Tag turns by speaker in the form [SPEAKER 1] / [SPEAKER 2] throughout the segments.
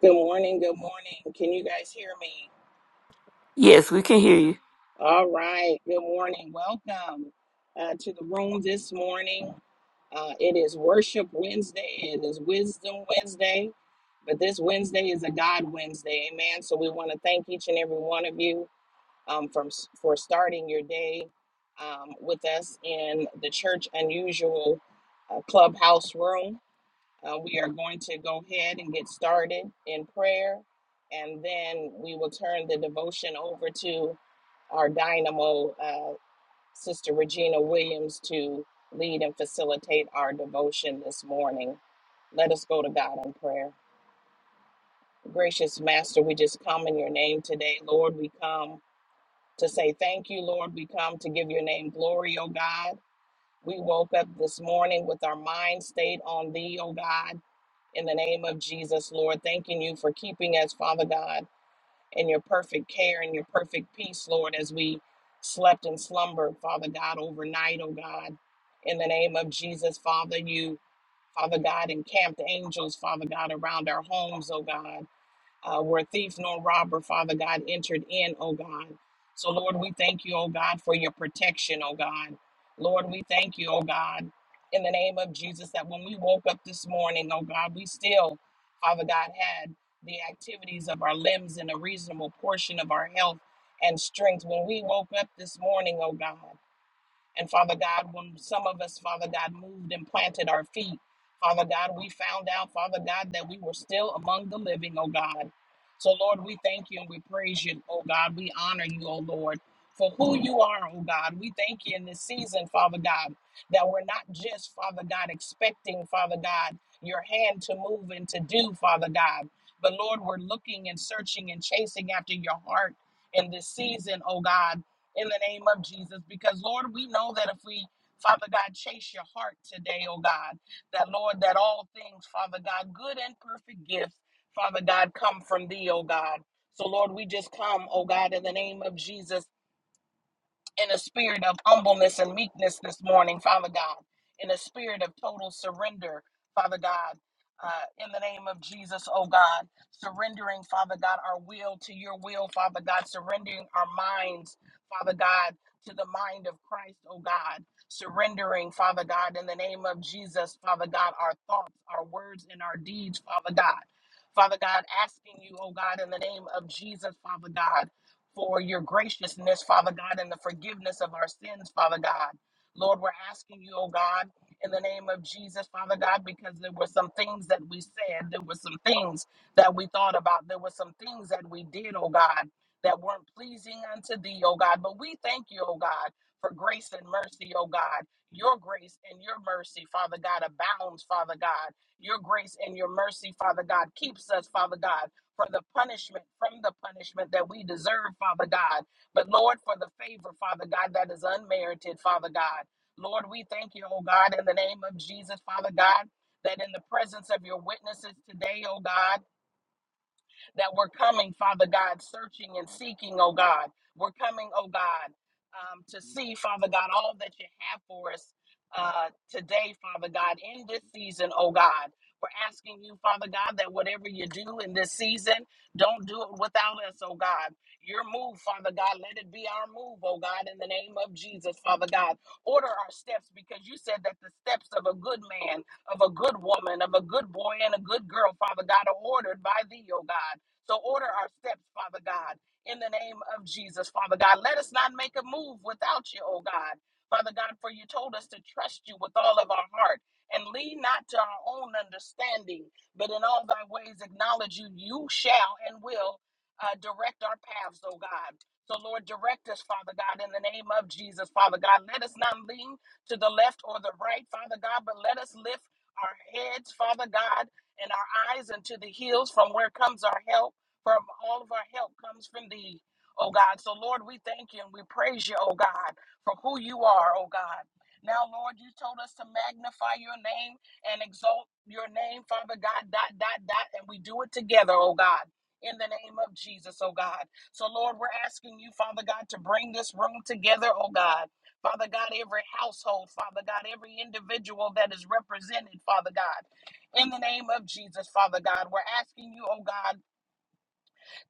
[SPEAKER 1] Good morning. Good morning. Can you guys hear me?
[SPEAKER 2] Yes, we can hear you.
[SPEAKER 1] All right. Good morning. Welcome uh, to the room this morning. Uh, it is Worship Wednesday. It is Wisdom Wednesday. But this Wednesday is a God Wednesday. Amen. So we want to thank each and every one of you um, from, for starting your day um, with us in the Church Unusual uh, Clubhouse room. Uh, we are going to go ahead and get started in prayer, and then we will turn the devotion over to our dynamo, uh, Sister Regina Williams, to lead and facilitate our devotion this morning. Let us go to God in prayer. Gracious Master, we just come in your name today. Lord, we come to say thank you, Lord. We come to give your name glory, O God. We woke up this morning with our mind stayed on thee, O God in the name of Jesus, Lord. Thanking you for keeping us, Father God, in your perfect care and your perfect peace, Lord, as we slept and slumbered, Father God, overnight, oh God. In the name of Jesus, Father, you, Father God, encamped angels, Father God, around our homes, oh God uh, where thief nor robber, Father God, entered in, oh God. So, Lord, we thank you, oh God, for your protection, oh God. Lord, we thank you, oh God, in the name of Jesus, that when we woke up this morning, oh God, we still, Father God, had the activities of our limbs and a reasonable portion of our health and strength. When we woke up this morning, oh God, and Father God, when some of us, Father God, moved and planted our feet, Father God, we found out, Father God, that we were still among the living, oh God. So, Lord, we thank you and we praise you, oh God. We honor you, oh Lord, for who you are, oh God. We thank you in this season, Father God, that we're not just, Father God, expecting, Father God, your hand to move and to do, Father God. But Lord, we're looking and searching and chasing after your heart in this season, oh God in the name of Jesus. Because, Lord, we know that if we, Father God, chase your heart today, oh God, that, Lord, that all things, Father God, good and perfect gifts, Father God, come from thee, oh God. So, Lord, we just come, oh God, in the name of Jesus in a spirit of humbleness and meekness this morning, Father God, in a spirit of total surrender, Father God, uh, in the name of Jesus, oh God, surrendering, Father God, our will to your will, Father God, surrendering our minds, Father God, to the mind of Christ, oh God, surrendering, Father God, in the name of Jesus, Father God, our thoughts, our words, and our deeds, Father God. Father God, asking you, oh God, in the name of Jesus, Father God for your graciousness, Father God, and the forgiveness of our sins, Father God. Lord, we're asking you, oh God, in the name of Jesus, Father God, because there were some things that we said, there were some things that we thought about, there were some things that we did, oh God, that weren't pleasing unto thee, oh God. But we thank you, oh God, for grace and mercy, oh God. Your grace and your mercy, Father God, abounds, Father God. Your grace and your mercy, Father God, keeps us, Father God for the punishment from the punishment that we deserve, Father God. But Lord, for the favor, Father God, that is unmerited, Father God. Lord, we thank you, oh God, in the name of Jesus, Father God, that in the presence of your witnesses today, oh God, that we're coming, Father God, searching and seeking, oh God. We're coming, oh God, um, to see, Father God, all that you have for us uh, today, Father God, in this season, oh God. We're asking you, Father God, that whatever you do in this season, don't do it without us, oh God. Your move, Father God, let it be our move, oh God, in the name of Jesus, Father God. Order our steps because you said that the steps of a good man of a good woman, of a good boy and a good girl, Father God, are ordered by thee, O God. So order our steps, Father God, in the name of Jesus, Father God. Let us not make a move without you, oh God. Father God, for you told us to trust you with all of our heart and lean not to our own understanding, but in all thy ways acknowledge you. You shall and will uh, direct our paths, oh God. So, Lord, direct us, Father God, in the name of Jesus, Father God. Let us not lean to the left or the right, Father God, but let us lift our heads, Father God, and our eyes unto the hills from where comes our help from all of our help comes from thee, oh God. So, Lord, we thank you and we praise you, oh God, for who you are, oh God. Now, Lord, you told us to magnify your name and exalt your name, Father God, dot, dot, dot, and we do it together, oh God. In the name of Jesus, oh God. So, Lord, we're asking you, Father God, to bring this room together, oh God. Father God, every household, Father God, every individual that is represented, Father God. In the name of Jesus, Father God, we're asking you, oh God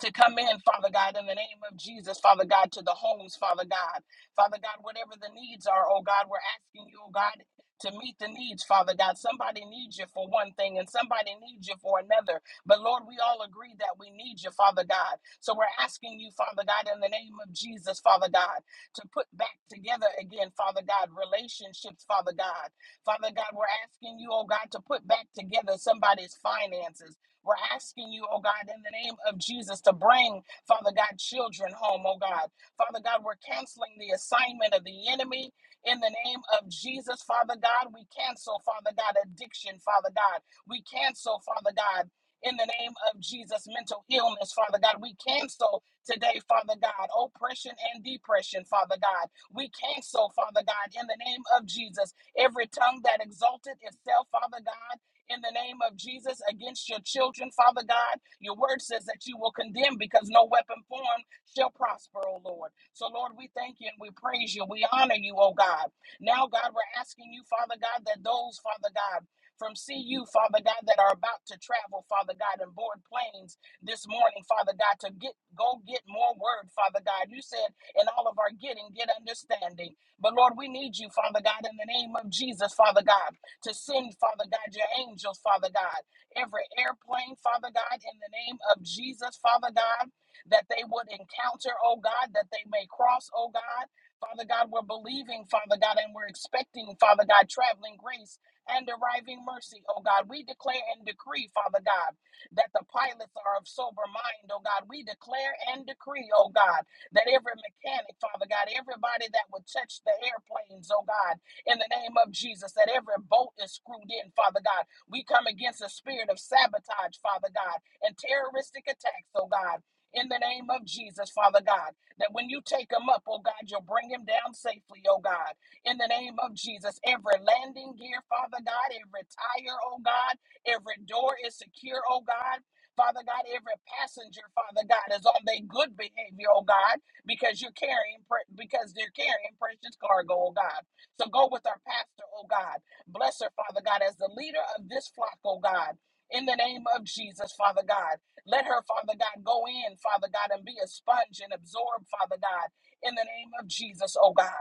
[SPEAKER 1] to come in, Father God, in the name of Jesus, Father God, to the homes, Father God. Father God, whatever the needs are, oh God, we're asking you, oh God, to meet the needs, Father God. Somebody needs you for one thing and somebody needs you for another. But Lord, we all agree that we need you, Father God. So we're asking you, Father God, in the name of Jesus, Father God, to put back together again, Father God, relationships, Father God. Father God, we're asking you, oh God, to put back together somebody's finances. We're asking you, oh God, in the name of Jesus, to bring, Father God, children home, oh God. Father God, we're canceling the assignment of the enemy in the name of Jesus, Father God. We cancel, Father God, addiction, Father God. We cancel, Father God. In the name of Jesus, mental illness, Father God, we cancel today, Father God, oppression and depression, Father God. We cancel, Father God, in the name of Jesus, every tongue that exalted itself, Father God in the name of Jesus against your children, Father God. Your word says that you will condemn because no weapon formed shall prosper, O Lord. So, Lord, we thank you and we praise you. We honor you, O God. Now, God, we're asking you, Father God, that those, Father God, from CU, Father God, that are about to travel, Father God, and board planes this morning, Father God, to get go get more word, Father God. You said in all of our getting, get understanding. But Lord, we need you, Father God, in the name of Jesus, Father God to send, Father God, your angels, Father God, every airplane, Father God, in the name of Jesus, Father God, that they would encounter, oh God, that they may cross, oh God. Father God, we're believing, Father God, and we're expecting, Father God, traveling grace and arriving mercy, oh God. We declare and decree, Father God, that the pilots are of sober mind, oh God. We declare and decree, oh God, that every mechanic, Father God, everybody that would touch the airplanes, oh God in the name of Jesus, that every bolt is screwed in, Father God. We come against the spirit of sabotage, Father God, and terroristic attacks, oh God. In the name of Jesus, Father God, that when you take him up, oh God, you'll bring him down safely, oh God. In the name of Jesus, every landing gear, Father God, every tire, oh God, every door is secure, oh God. Father God, every passenger, Father God, is on their good behavior, oh God, because you're carrying, pre- because they're carrying precious cargo, oh God. So go with our pastor, oh God. Bless her, Father God, as the leader of this flock, oh God. In the name of Jesus, Father God. Let her, Father God, go in, Father God, and be a sponge and absorb, Father God, in the name of Jesus, oh God.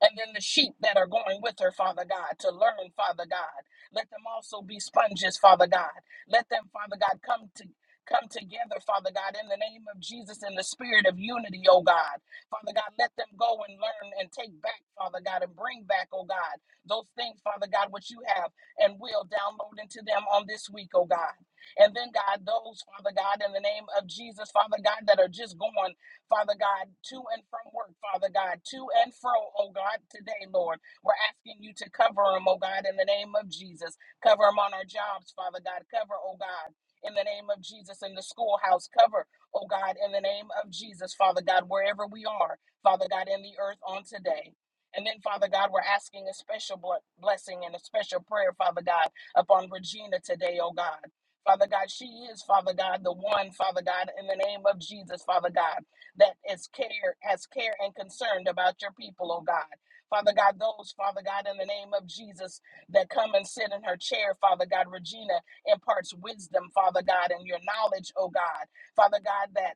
[SPEAKER 1] And then the sheep that are going with her, Father God, to learn, Father God. Let them also be sponges, Father God. Let them, Father God, come to come together, Father God, in the name of Jesus, in the spirit of unity, oh God. Father God, let them go and learn and take back, Father God, and bring back, oh God, those things, Father God, which you have and will download into them on this week, oh God. And then, God, those, Father God, in the name of Jesus, Father God, that are just going. Father God, to and from work, Father God, to and fro, oh God, today, Lord. We're asking you to cover them, oh God, in the name of Jesus. Cover them on our jobs, Father God. Cover, oh God. In the name of Jesus, in the schoolhouse, cover, oh God, in the name of Jesus, Father God, wherever we are, Father God, in the earth on today. And then, Father God, we're asking a special ble- blessing and a special prayer, Father God, upon Regina today, oh God. Father God, she is, Father God, the one, Father God, in the name of Jesus, Father God that is care has care and concern about your people, oh God. Father God, those, Father God, in the name of Jesus, that come and sit in her chair, Father God, Regina imparts wisdom, Father God, and your knowledge, oh God. Father God, that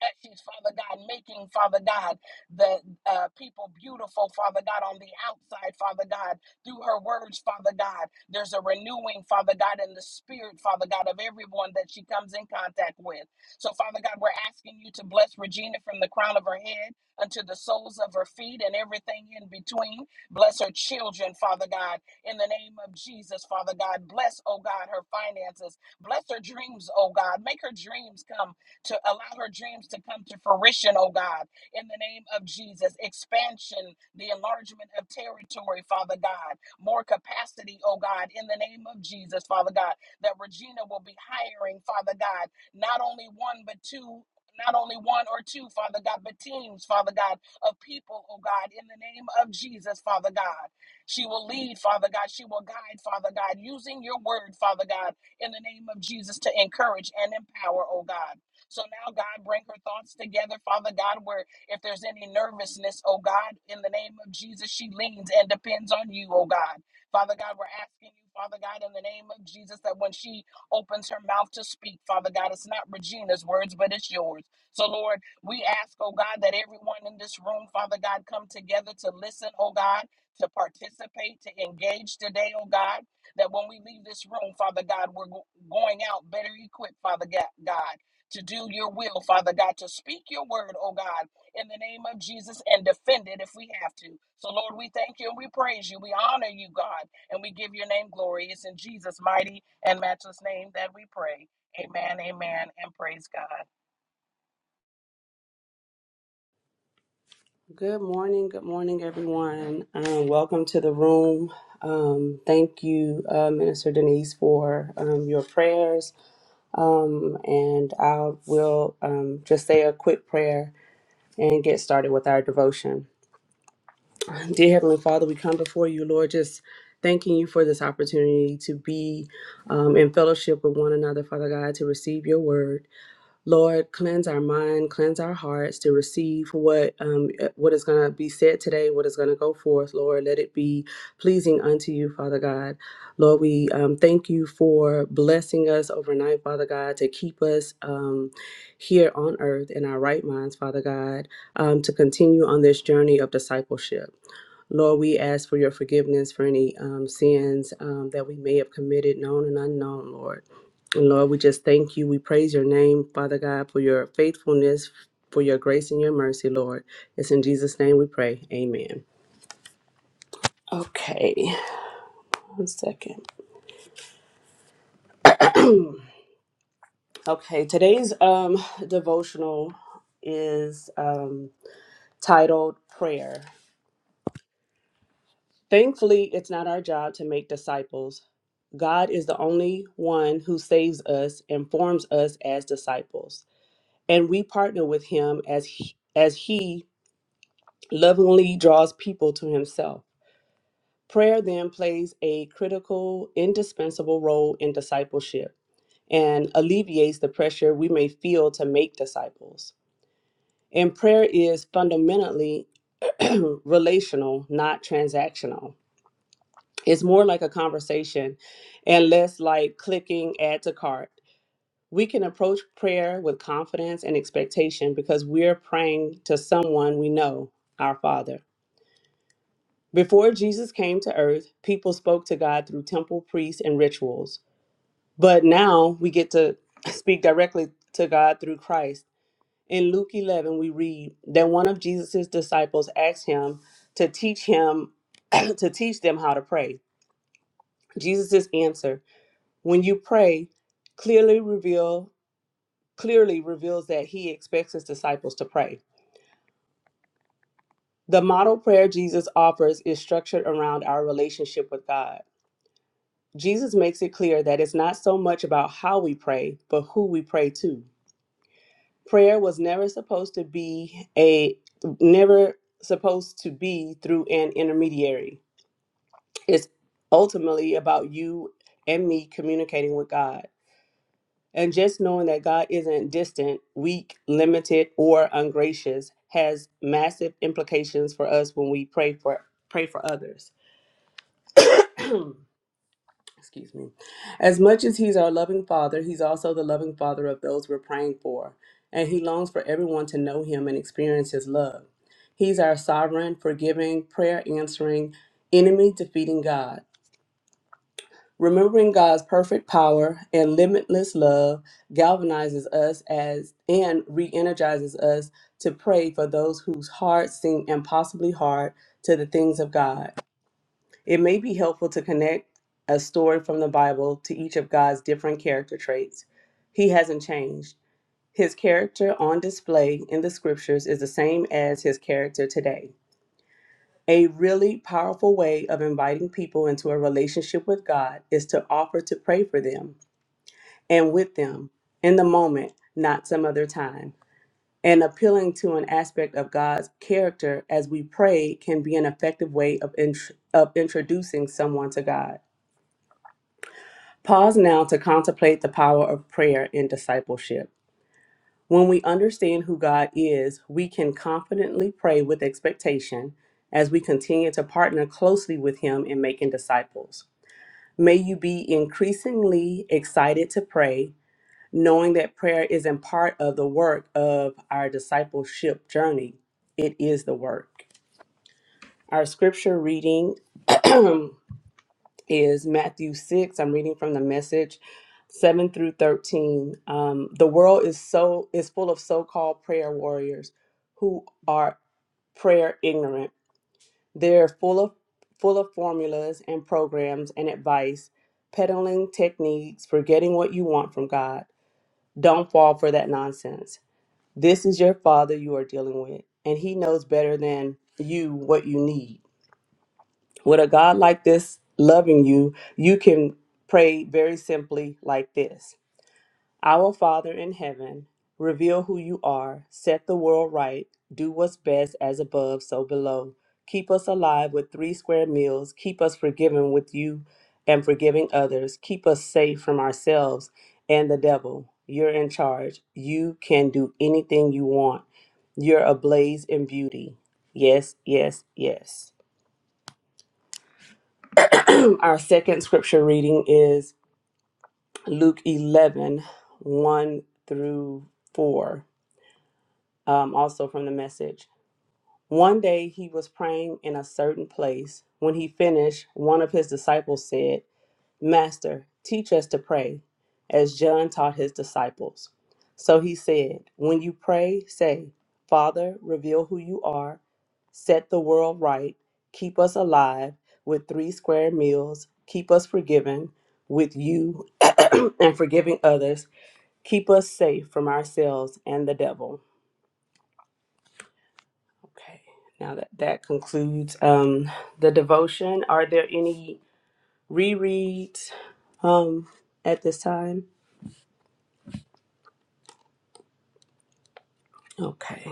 [SPEAKER 1] that she's, Father God, making, Father God, the uh, people beautiful, Father God, on the outside, Father God, through her words, Father God. There's a renewing, Father God, in the spirit, Father God, of everyone that she comes in contact with. So, Father God, we're asking you to bless Regina from the crown of her head unto the soles of her feet and everything in between. Bless her children, Father God, in the name of Jesus, Father God. Bless, oh God, her finances. Bless her dreams, oh God. Make her dreams come to allow her dreams to come to fruition, oh God, in the name of Jesus. Expansion, the enlargement of territory, Father God, more capacity, oh God, in the name of Jesus, Father God, that Regina will be hiring, Father God, not only one, but two. Not only one or two, Father God, but teams, Father God, of people, oh God, in the name of Jesus, Father God. She will lead, Father God. She will guide, Father God, using your word, Father God, in the name of Jesus to encourage and empower, oh God. So now, God, bring her thoughts together, Father God, where if there's any nervousness, oh God, in the name of Jesus, she leans and depends on you, oh God. Father God, we're asking you, Father God, in the name of Jesus, that when she opens her mouth to speak, Father God, it's not Regina's words, but it's yours. So, Lord, we ask, oh God, that everyone in this room, Father God, come together to listen, oh God, to participate, to engage today, oh God, that when we leave this room, Father God, we're go- going out better equipped, Father Ga- God to do your will, Father God, to speak your word, oh God, in the name of Jesus and defend it if we have to. So, Lord, we thank you and we praise you. We honor you, God, and we give your name glory. It's in Jesus' mighty and matchless name that we pray. Amen, amen, and praise God.
[SPEAKER 3] Good morning, good morning, everyone. Um, welcome to the room. Um, thank you, uh, Minister Denise, for um, your prayers. Um, and I will um, just say a quick prayer and get started with our devotion. Dear Heavenly Father, we come before you, Lord, just thanking you for this opportunity to be um, in fellowship with one another, Father God, to receive your word. Lord, cleanse our mind, cleanse our hearts to receive what um, eh, what is going to be said today, what is going to go forth. Lord, let it be pleasing unto you, Father God. Lord, we um, thank you for blessing us overnight, Father God, to keep us um, here on earth in our right minds, Father God, um, to continue on this journey of discipleship. Lord, we ask for your forgiveness for any um, sins um, that we may have committed, known and unknown, Lord. And Lord, we just thank you. We praise your name, Father God, for your faithfulness, for your grace and your mercy, Lord. It's in Jesus' name we pray. Amen. Okay, one second. Okay, today's um devotional is um titled Prayer. Thankfully, it's not our job to make disciples. God is the only one who saves us and forms us as disciples. And we partner with him as he, as he lovingly draws people to himself. Prayer then plays a critical, indispensable role in discipleship and alleviates the pressure we may feel to make disciples. And prayer is fundamentally relational, not transactional. It's more like a conversation and less like clicking add to cart. We can approach prayer with confidence and expectation because we're praying to someone we know, our Father. Before Jesus came to earth, people spoke to God through temple priests and rituals. But now we get to speak directly to God through Christ. In Luke 11, we read that one of Jesus' disciples asked him to teach him to teach them how to pray. Jesus' answer, when you pray, clearly reveal clearly reveals that he expects his disciples to pray. The model prayer Jesus offers is structured around our relationship with God. Jesus makes it clear that it's not so much about how we pray, but who we pray to. prayer was never supposed to be a never supposed to be through an intermediary it's ultimately about you and me communicating with god and just knowing that god isn't distant weak limited or ungracious has massive implications for us when we pray for pray for others excuse me. As much as he's our loving father, he's also the loving father of those we're praying for, and he longs for everyone to know him and experience his love. He's our sovereign, forgiving, prayer answering, enemy defeating God. Remembering God's perfect power and limitless love galvanizes us as and re-energizes us to pray for those whose hearts seem impossibly hard to the things of God. It may be helpful to connect a story from the Bible to each of God's different character traits. He hasn't changed. His character on display in the scriptures is the same as his character today. A really powerful way of inviting people into a relationship with God is to offer to pray for them and with them in the moment, not some other time. And appealing to an aspect of God's character as we pray can be an effective way of, int- of introducing someone to God. Pause now to contemplate the power of prayer in discipleship. When we understand who God is, we can confidently pray with expectation as we continue to partner closely with Him in making disciples. May you be increasingly excited to pray, knowing that prayer isn't part of the work of our discipleship journey, it is the work. Our scripture reading is Matthew 6. I'm reading from the message 7 through 13. Um, the world is so is full of so-called prayer warriors who are prayer ignorant. They're full of full of formulas and programs and advice, peddling techniques for getting what you want from God. Don't fall for that nonsense. This is your father you are dealing with, and he knows better than you what you need with a God like this loving you, you can pray very simply like this Our Father in heaven, reveal who you are, set the world right, do what's best as above, so below. Keep us alive with three square meals, keep us forgiven with you and forgiving others, keep us safe from ourselves and the devil. You're in charge. You can do anything you want. You're ablaze in beauty. Yes, yes, yes. Our second scripture reading is Luke eleven one through 4, um, also from the message. One day he was praying in a certain place. When he finished, one of his disciples said, Master, teach us to pray, as John taught his disciples. So he said, When you pray, say, Father, reveal who you are, set the world right, keep us alive with three square meals, keep us forgiven with you and forgiving others, keep us safe from ourselves and the devil. Okay, now that, that concludes um, the devotion. Are there any rereads um, at this time? Okay.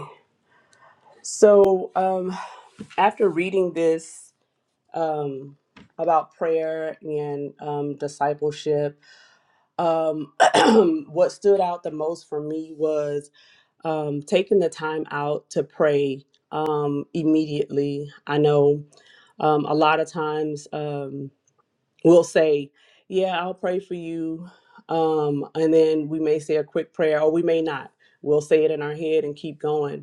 [SPEAKER 3] So um, after reading this um, about prayer and um, discipleship, um, what stood out the most for me was um, taking the time out to pray um, immediately. I know um, a lot of times um, we'll say, Yeah, I'll pray for you. Um, and then we may say a quick prayer, or we may not. We'll say it in our head and keep going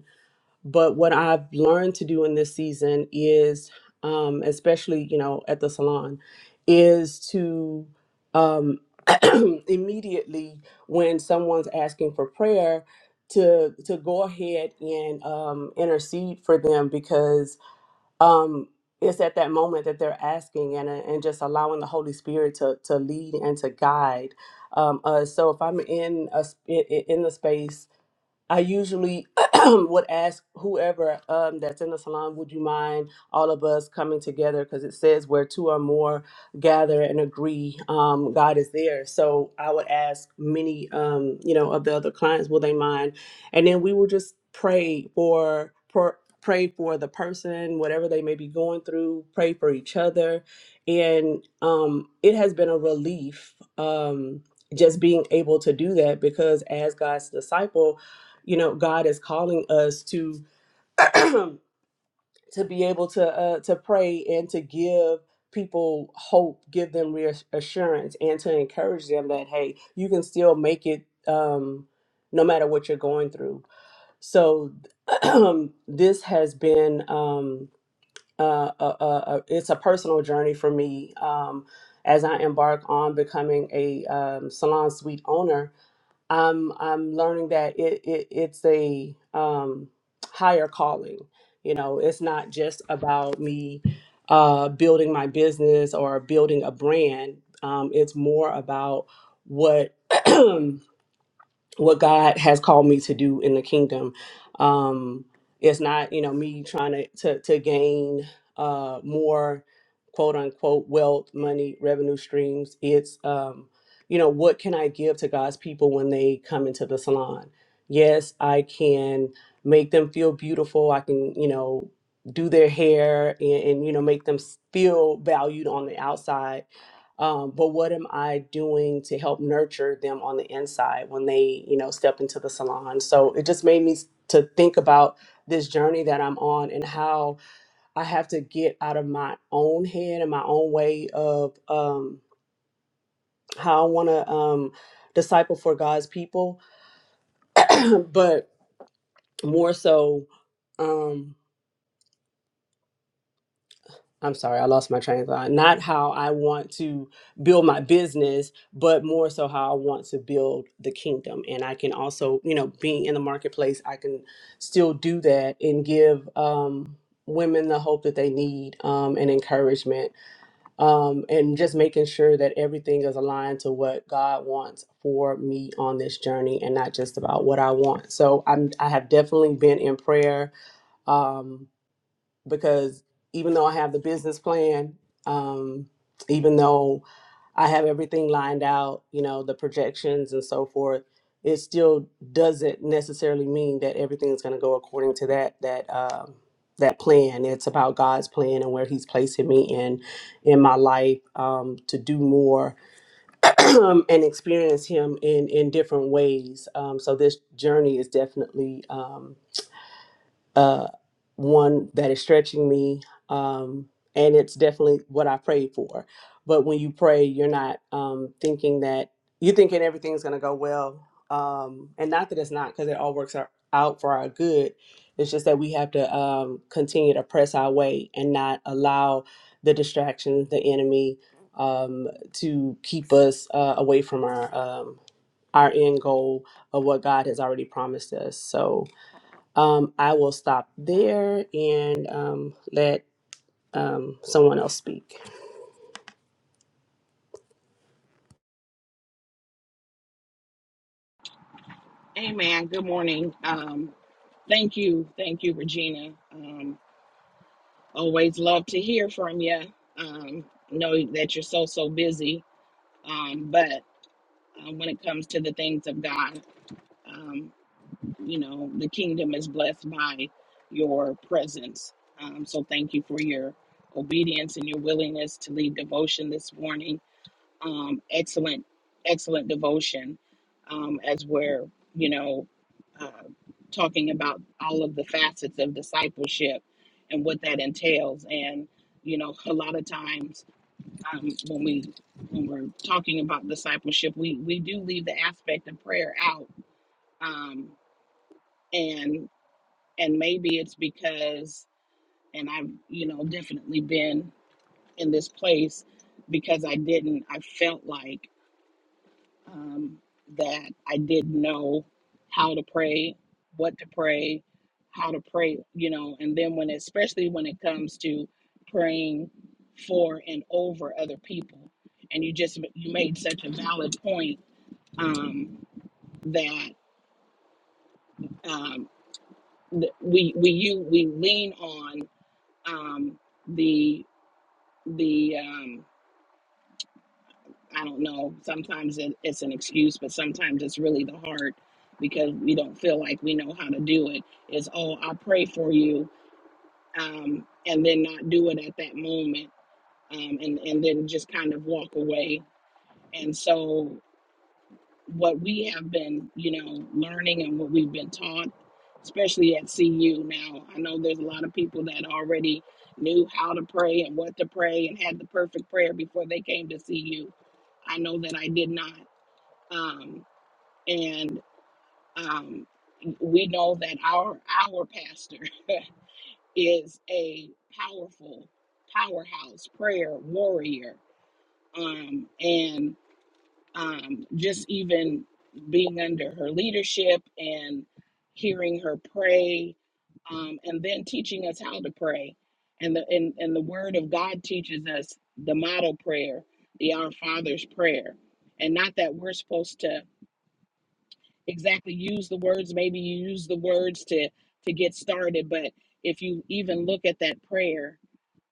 [SPEAKER 3] But what I've learned to do in this season is, um, especially you know at the salon, is to um, immediately when someone's asking for prayer to to go ahead and um, intercede for them because um, it's at that moment that they're asking and uh, and just allowing the Holy Spirit to to lead and to guide um, us. So if I'm in a sp- in in the space I usually would ask whoever um, that's in the salon, would you mind all of us coming together? Because it says where two or more gather and agree, um, God is there. So I would ask many, um, you know, of the other clients, will they mind? And then we will just pray for, for pray for the person, whatever they may be going through. Pray for each other, and um, it has been a relief. Um, just being able to do that because as God's disciple you know god is calling us to to be able to uh, to pray and to give people hope give them reassurance and to encourage them that hey you can still make it um no matter what you're going through so this has been um uh, uh, uh, uh, it's a personal journey for me um, as I embark on becoming a um, salon suite owner I'm I'm learning that it, it it's a um, higher calling. You know, it's not just about me uh, building my business or building a brand. Um, it's more about what what God has called me to do in the kingdom. Um, it's not, you know, me trying to to, to gain uh, more quote unquote wealth, money, revenue streams. It's, um, you know, what can I give to God's people when they come into the salon? Yes, I can make them feel beautiful. I can, you know, do their hair and, and you know make them feel valued on the outside um, but what am i doing to help nurture them on the inside when they you know step into the salon so it just made me s- to think about this journey that i'm on and how i have to get out of my own head and my own way of um, how i want to um, disciple for god's people but more so Um, I'm sorry, I lost my train of thought. Not how I want to build my business, but more so how I want to build the kingdom. And I can also, you know, being in the marketplace, I can still do that and give um, women the hope that they need um, and encouragement. Um, and just making sure that everything is aligned to what God wants for me on this journey and not just about what I want. So I'm, I have definitely been in prayer. Um, because even though I have the business plan, um, even though I have everything lined out, you know, the projections and so forth, it still doesn't necessarily mean that everything's going to go according to that that um, that plan. It's about God's plan and where He's placing me in in my life um, to do more and experience Him in in different ways. Um, so this journey is definitely. Um, uh, one that is stretching me, um, and it's definitely what I prayed for. But when you pray, you're not um, thinking that you're thinking everything's going to go well, um, and not that it's not, because it all works out out for our good. It's just that we have to um, continue to press our way and not allow the distractions, the enemy, um, to keep us uh, away from our um, our end goal of what God has already promised us. So um, I will stop there and um, let um, someone else speak.
[SPEAKER 1] Amen. Good morning. Um, thank you. Thank you, Regina. Um, always love to hear from you. Um, know that you're so, so busy. Um, but uh, when it comes to the things of God. Um, you know the kingdom is blessed by your presence um, so thank you for your obedience and your willingness to lead devotion this morning um, excellent excellent devotion um, as we're you know uh, talking about all of the facets of discipleship and what that entails and you know a lot of times um, when we when we're talking about discipleship we we do leave the aspect of prayer out um, and maybe it's because and i've you know definitely been in this place because i didn't i felt like um, that i didn't know how to pray what to pray how to pray you know and then when especially when it comes to praying for and over other people and you just you made such a valid point um, that um, th- we we you we lean on um, the the um, I don't know. Sometimes it, it's an excuse, but sometimes it's really the heart because we don't feel like we know how to do it. Is oh, I pray for you, um, and then not do it at that moment, um, and and then just kind of walk away. And so what we have been, you know, learning and what we've been taught, especially at CU. Now, I know there's a lot of people that already knew how to pray and what to pray and had the perfect prayer before they came to CU. I know that I did not. Um, and um, we know that our our pastor is a powerful powerhouse prayer warrior. Um, and um, just even being under her leadership and hearing her pray, um, and then teaching us how to pray. And the and, and the Word of God teaches us the model prayer, the Our Father's prayer, and not that we're supposed to exactly use the words. Maybe you use the words to to get started, but if you even look at that prayer,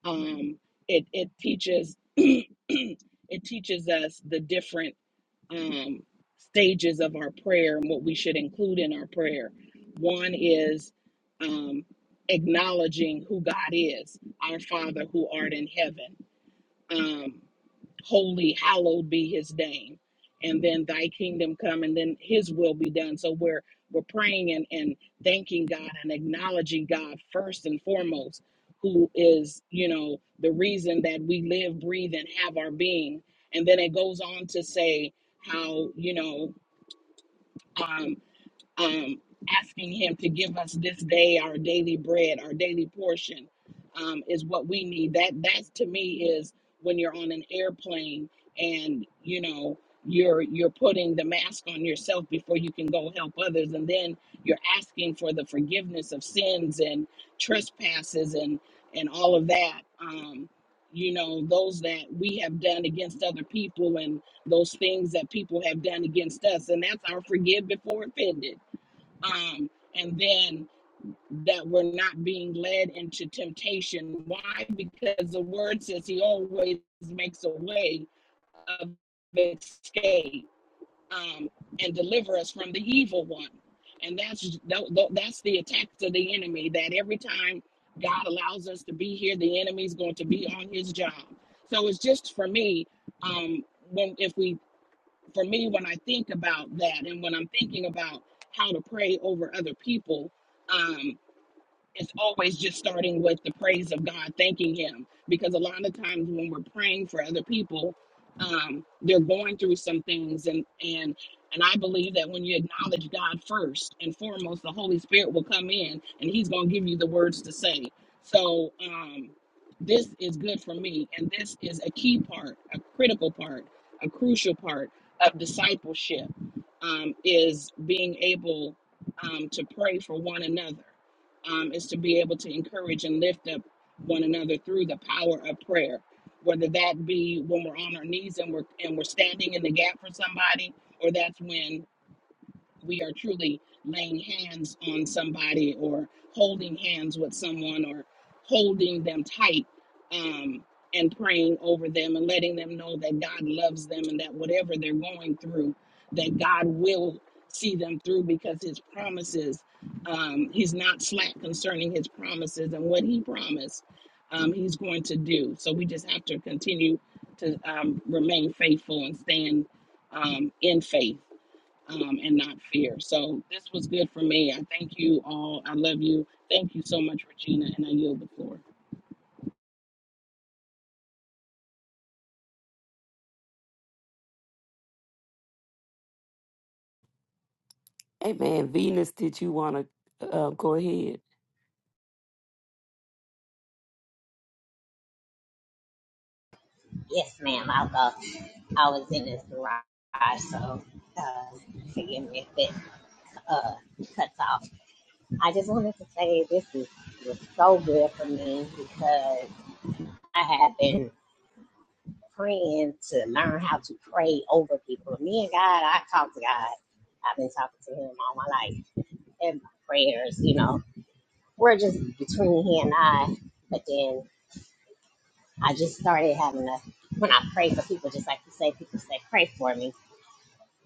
[SPEAKER 1] um, it it teaches it teaches us the different um, stages of our prayer and what we should include in our prayer. One is um, acknowledging who God is, our Father who art in heaven. Um, holy hallowed be his name and then thy kingdom come and then his will be done so we're we're praying and, and thanking god and acknowledging god first and foremost who is you know the reason that we live breathe and have our being and then it goes on to say how you know um um, asking Him to give us this day our daily bread, our daily portion, um, is what we need. That that's to me is when you're on an airplane and you know you're you're putting the mask on yourself before you can go help others, and then you're asking for the forgiveness of sins and trespasses and and all of that. Um, you know those that we have done against other people and those things that people have done against us and that's our forgive before offended um, and then that we're not being led into temptation. Why? Because the word says he always makes a way of escape um, and deliver us from the evil one. And that's tho- tho- that's the attacks of the enemy. That every time God allows us to be here, the enemy's going to be on his job. So it's just for me. Um, when if we for me when I think about that and when I'm thinking about how to pray over other people, um, it's always just starting with the praise of God, thanking Him. Because a lot of times when we're praying for other people, um, they're going through some things, and and and I believe that when you acknowledge God first and foremost, the Holy Spirit will come in, and He's going to give you the words to say. So um, this is good for me, and this is a key part, a critical part, a crucial part of discipleship um, is being able um, to pray for one another um, is to be able to encourage and lift up one another through the power of prayer. Whether that be when we're on our knees and we're and we're standing in the gap for somebody, or that's when we are truly laying hands on somebody or holding hands with someone or holding them tight um, and praying over them and letting them know that God loves them and that whatever they're going through, that God will see them through because his promises, um, he's not slack concerning his promises and what he promised, um, he's going to do. So we just have to continue to um, remain faithful and stand um, in faith um, and not fear. So this was good for me. I thank you all. I love you. Thank you so much, Regina, and I yield the floor.
[SPEAKER 2] Amen. Venus, did you want to uh, go ahead?
[SPEAKER 4] Yes, ma'am. I'll I was in this garage, so uh, forgive me if it uh, cuts off. I just wanted to say this is was so good for me because I have been praying to learn how to pray over people. Me and God, I talk to God. I've been talking to Him all my life in my prayers. You know, we're just between He and I. But then I just started having a when I pray for people, just like you say, people say, pray for me.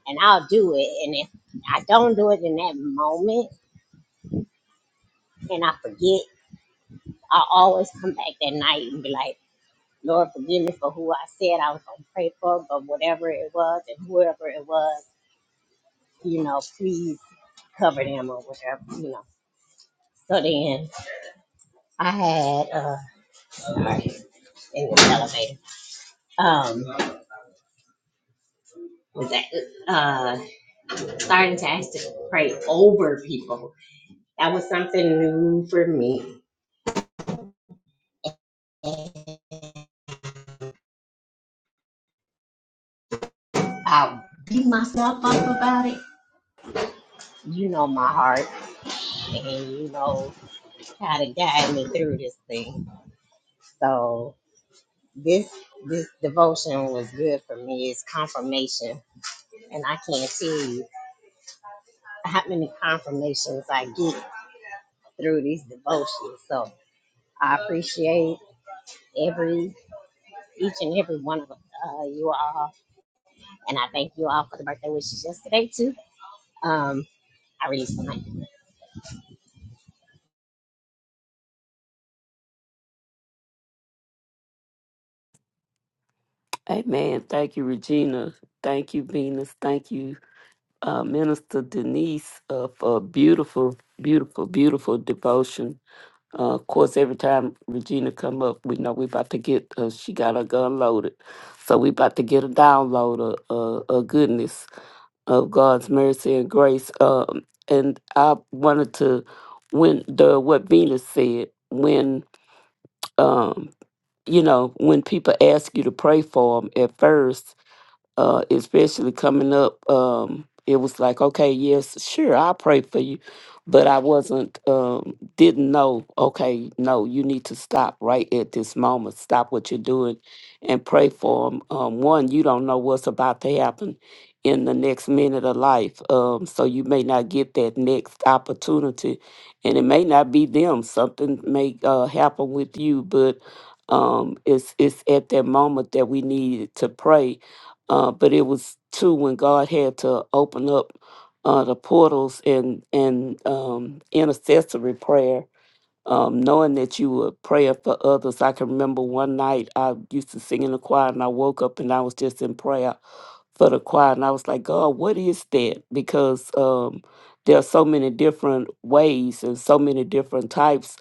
[SPEAKER 4] and I'll do it. And if I don't do it in that moment and I forget, I always come back that night and be like, Lord, forgive me for who I said I was going to pray for, but whatever it was and whoever it was, you know, please cover them or whatever, you know. So then I had, uh, sorry, in the elevator, um, was that, uh, starting to ask to pray over people. That was something new for me. And I beat myself up about it you know my heart and you know how to guide me through this thing. So this this devotion was good for me. It's confirmation. And I can't tell you how many confirmations I get through these devotions. So I appreciate every each and every one of uh, you all. And I thank you all for the birthday wishes yesterday too. Um I released the mic.
[SPEAKER 2] Amen. Thank you, Regina. Thank you, Venus. Thank you, uh, Minister Denise, uh, for a beautiful, beautiful, beautiful devotion. Uh, of course, every time Regina come up, we know we about to get. Uh, she got her gun loaded, so we about to get a download of uh, a goodness of God's mercy and grace. Um, and I wanted to when the what Venus said when um, you know, when people ask you to pray for them at first, uh, especially coming up, um, it was like, okay, yes, sure, I'll pray for you. But I wasn't, um, didn't know, okay, no, you need to stop right at this moment. Stop what you're doing and pray for them. Um, one, you don't know what's about to happen in the next minute of life. Um, so you may not get that next opportunity. And it may not be them. Something may uh, happen with you, but um, it's, it's at that moment that we need to pray uh, but it was too when God had to open up uh, the portals and and um, intercessory prayer um, knowing that you were praying for others. I can remember one night I used to sing in the choir and I woke up and I was just in prayer for the choir. And I was like, God, what is that? Because um, there are so many different ways and so many different types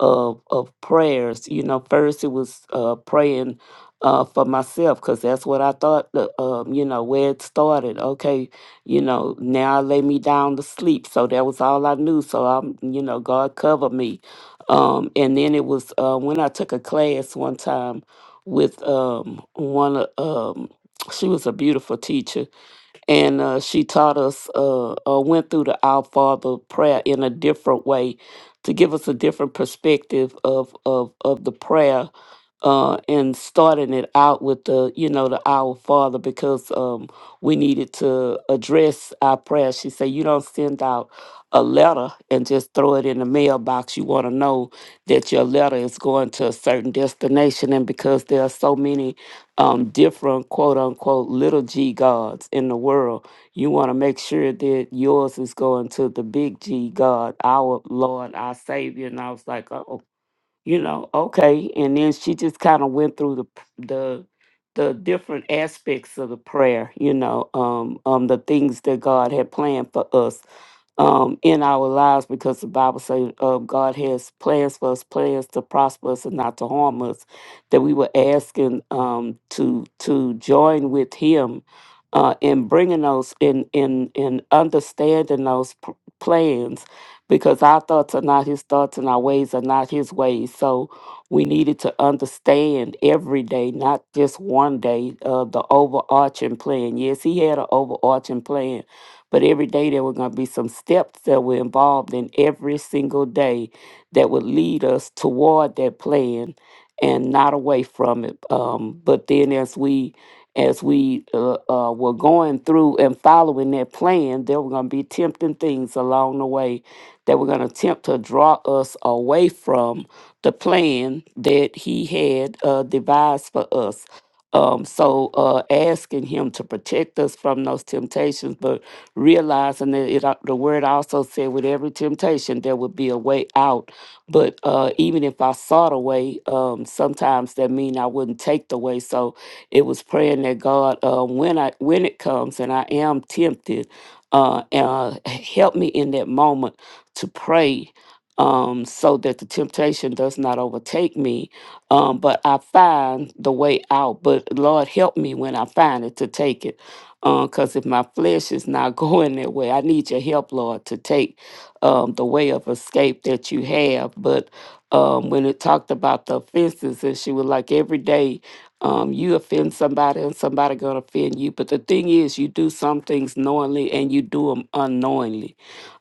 [SPEAKER 2] of, of prayers. You know, first it was uh, praying. Uh, for myself, because that's what I thought, the, um, you know, where it started. Okay, you know, now I lay me down to sleep. So that was all I knew. So I'm, you know, God cover me um, and then it was uh, when I took a class one time with um, one of- um, she was a beautiful teacher and uh, she taught us uh, uh, went through the our father prayer in a different way to give us a different perspective of of, of the prayer uh, and starting it out with the you know the our father because um, we needed to address our prayer she said you don't send out a letter and just throw it in the mailbox you want to know that your letter is going to a certain destination and because there are so many um, different quote unquote little g gods in the world. You want to make sure that yours is going to the big G God, our Lord, our Savior. And I was like, oh, you know, okay. And then she just kind of went through the p- the the different aspects of the prayer, you know, um, um, the things that God had planned for us um, in our lives because the Bible says uh, God has plans for us, plans to prosper us and not to harm us. That we were asking um, to to join with Him uh, in bringing those in in in understanding those p- plans, because our thoughts are not His thoughts and our ways are not His ways. So we needed to understand every day, not just one day, uh, the overarching plan. Yes, He had an overarching plan but every day there were going to be some steps that were involved in every single day that would lead us toward that plan and not away from it. Um, but then as we as we uh, uh, were going through and following that plan, there were going to be tempting things along the way that were going to attempt to draw us away from the plan that He had uh, devised for us. Um, so uh, asking Him to protect us from those temptations, but realizing that it, al- the word also said with every temptation there would be a way out. But uh, even if I sought a way, um, sometimes that mean I wouldn't take the way. So it was praying that God, uh, when I when it comes and I am tempted, uh, uh, help me in that moment to pray. Um, so that the temptation does not overtake me, um, but I find the way out. But Lord, help me when I find it to take it. Because if my flesh is not going that way, I need your help, Lord, to take um, the way of escape that you have. But um, when it talked about the offenses, and she was like, every day um, you offend somebody and somebody going to offend you. But the thing is, you do some things knowingly and you do them unknowingly.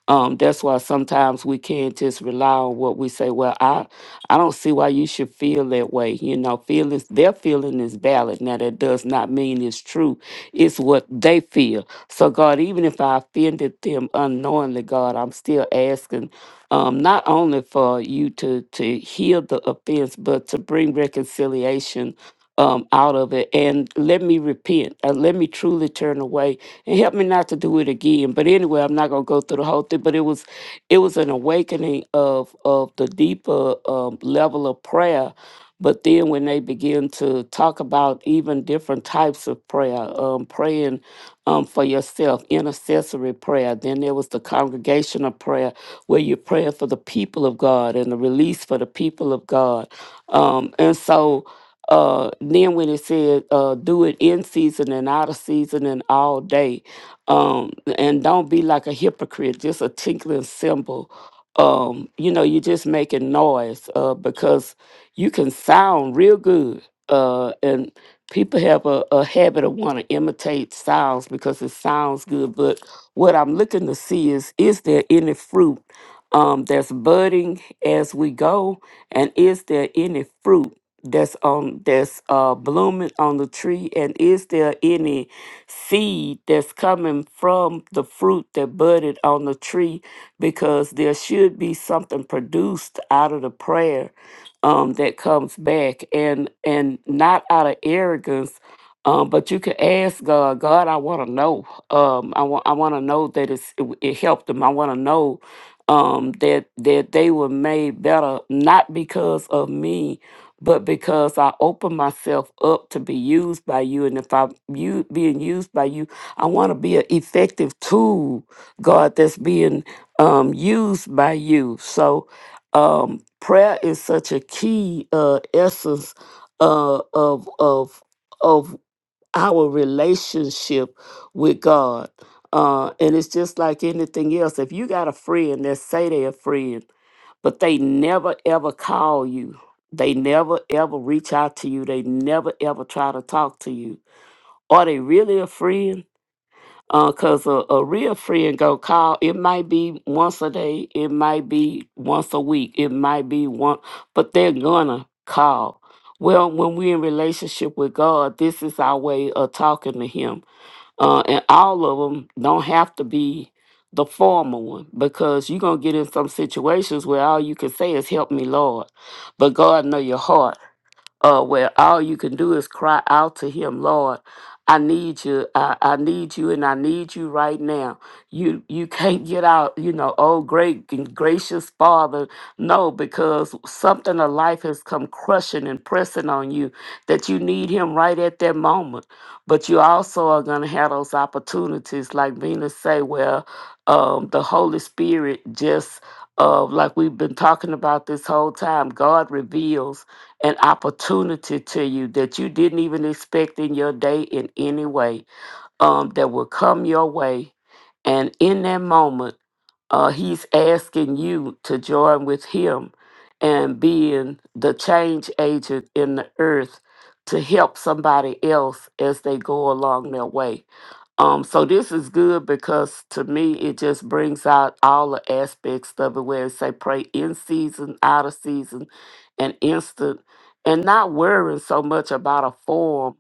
[SPEAKER 2] Um, that's why sometimes we can't just rely on what we say. Well, I, I don't see why you should feel that way. You know, feelings, their feeling is valid. Now, that does not mean it's true. It's what they feel. So, God, even if I offended them unknowingly, God, I'm still asking um, not only for you to, to heal the offense, but to bring reconciliation um, out of it. And let me repent. And let me truly turn away and help me not to do it again. But anyway, I'm not gonna go through the whole thing. But it was it was an awakening of of the deeper um, level of prayer. But then when they begin to talk about even different types of prayer, um, praying um, for yourself, intercessory prayer. Then there was the congregational prayer where you're praying for the people of God and the release for the people of God. Um, and so uh then when it said uh do it in season and out of season and all day um and don't be like a hypocrite just a tinkling cymbal um you know you're just making noise uh because you can sound real good uh and people have a, a habit of want to imitate sounds because it sounds good but what i'm looking to see is is there any fruit um, that's budding as we go and is there any fruit that's on that's uh blooming on the tree and is there any seed that's coming from the fruit that budded on the tree because there should be something produced out of the prayer um that comes back and and not out of arrogance um but you can ask god god i want to know um i want i want to know that it's it, it helped them i want to know um that that they were made better not because of me but because I open myself up to be used by you. And if I'm you, being used by you, I want to be an effective tool, God, that's being um, used by you. So um, prayer is such a key uh, essence uh, of, of, of our relationship with God. Uh, and it's just like anything else. If you got a friend that say they're a friend, but they never ever call you, they never ever reach out to you, they never ever try to talk to you. Are they really a friend? because a, a real friend go call it might be once a day it might be once a week it might be one but they're gonna call well when we're in relationship with god this is our way of talking to him uh, and all of them don't have to be the formal one because you're gonna get in some situations where all you can say is help me lord but god know your heart uh, where all you can do is cry out to him, Lord, I need you, I, I need you, and I need you right now. You you can't get out, you know, oh great and gracious Father. No, because something of life has come crushing and pressing on you that you need him right at that moment. But you also are gonna have those opportunities, like Venus say, where um, the Holy Spirit just uh, like we've been talking about this whole time, God reveals an opportunity to you that you didn't even expect in your day in any way um, that will come your way. And in that moment, uh, he's asking you to join with him and being the change agent in the earth to help somebody else as they go along their way. Um, so this is good because to me it just brings out all the aspects of it where it say pray in season, out of season, and instant, and not worrying so much about a form,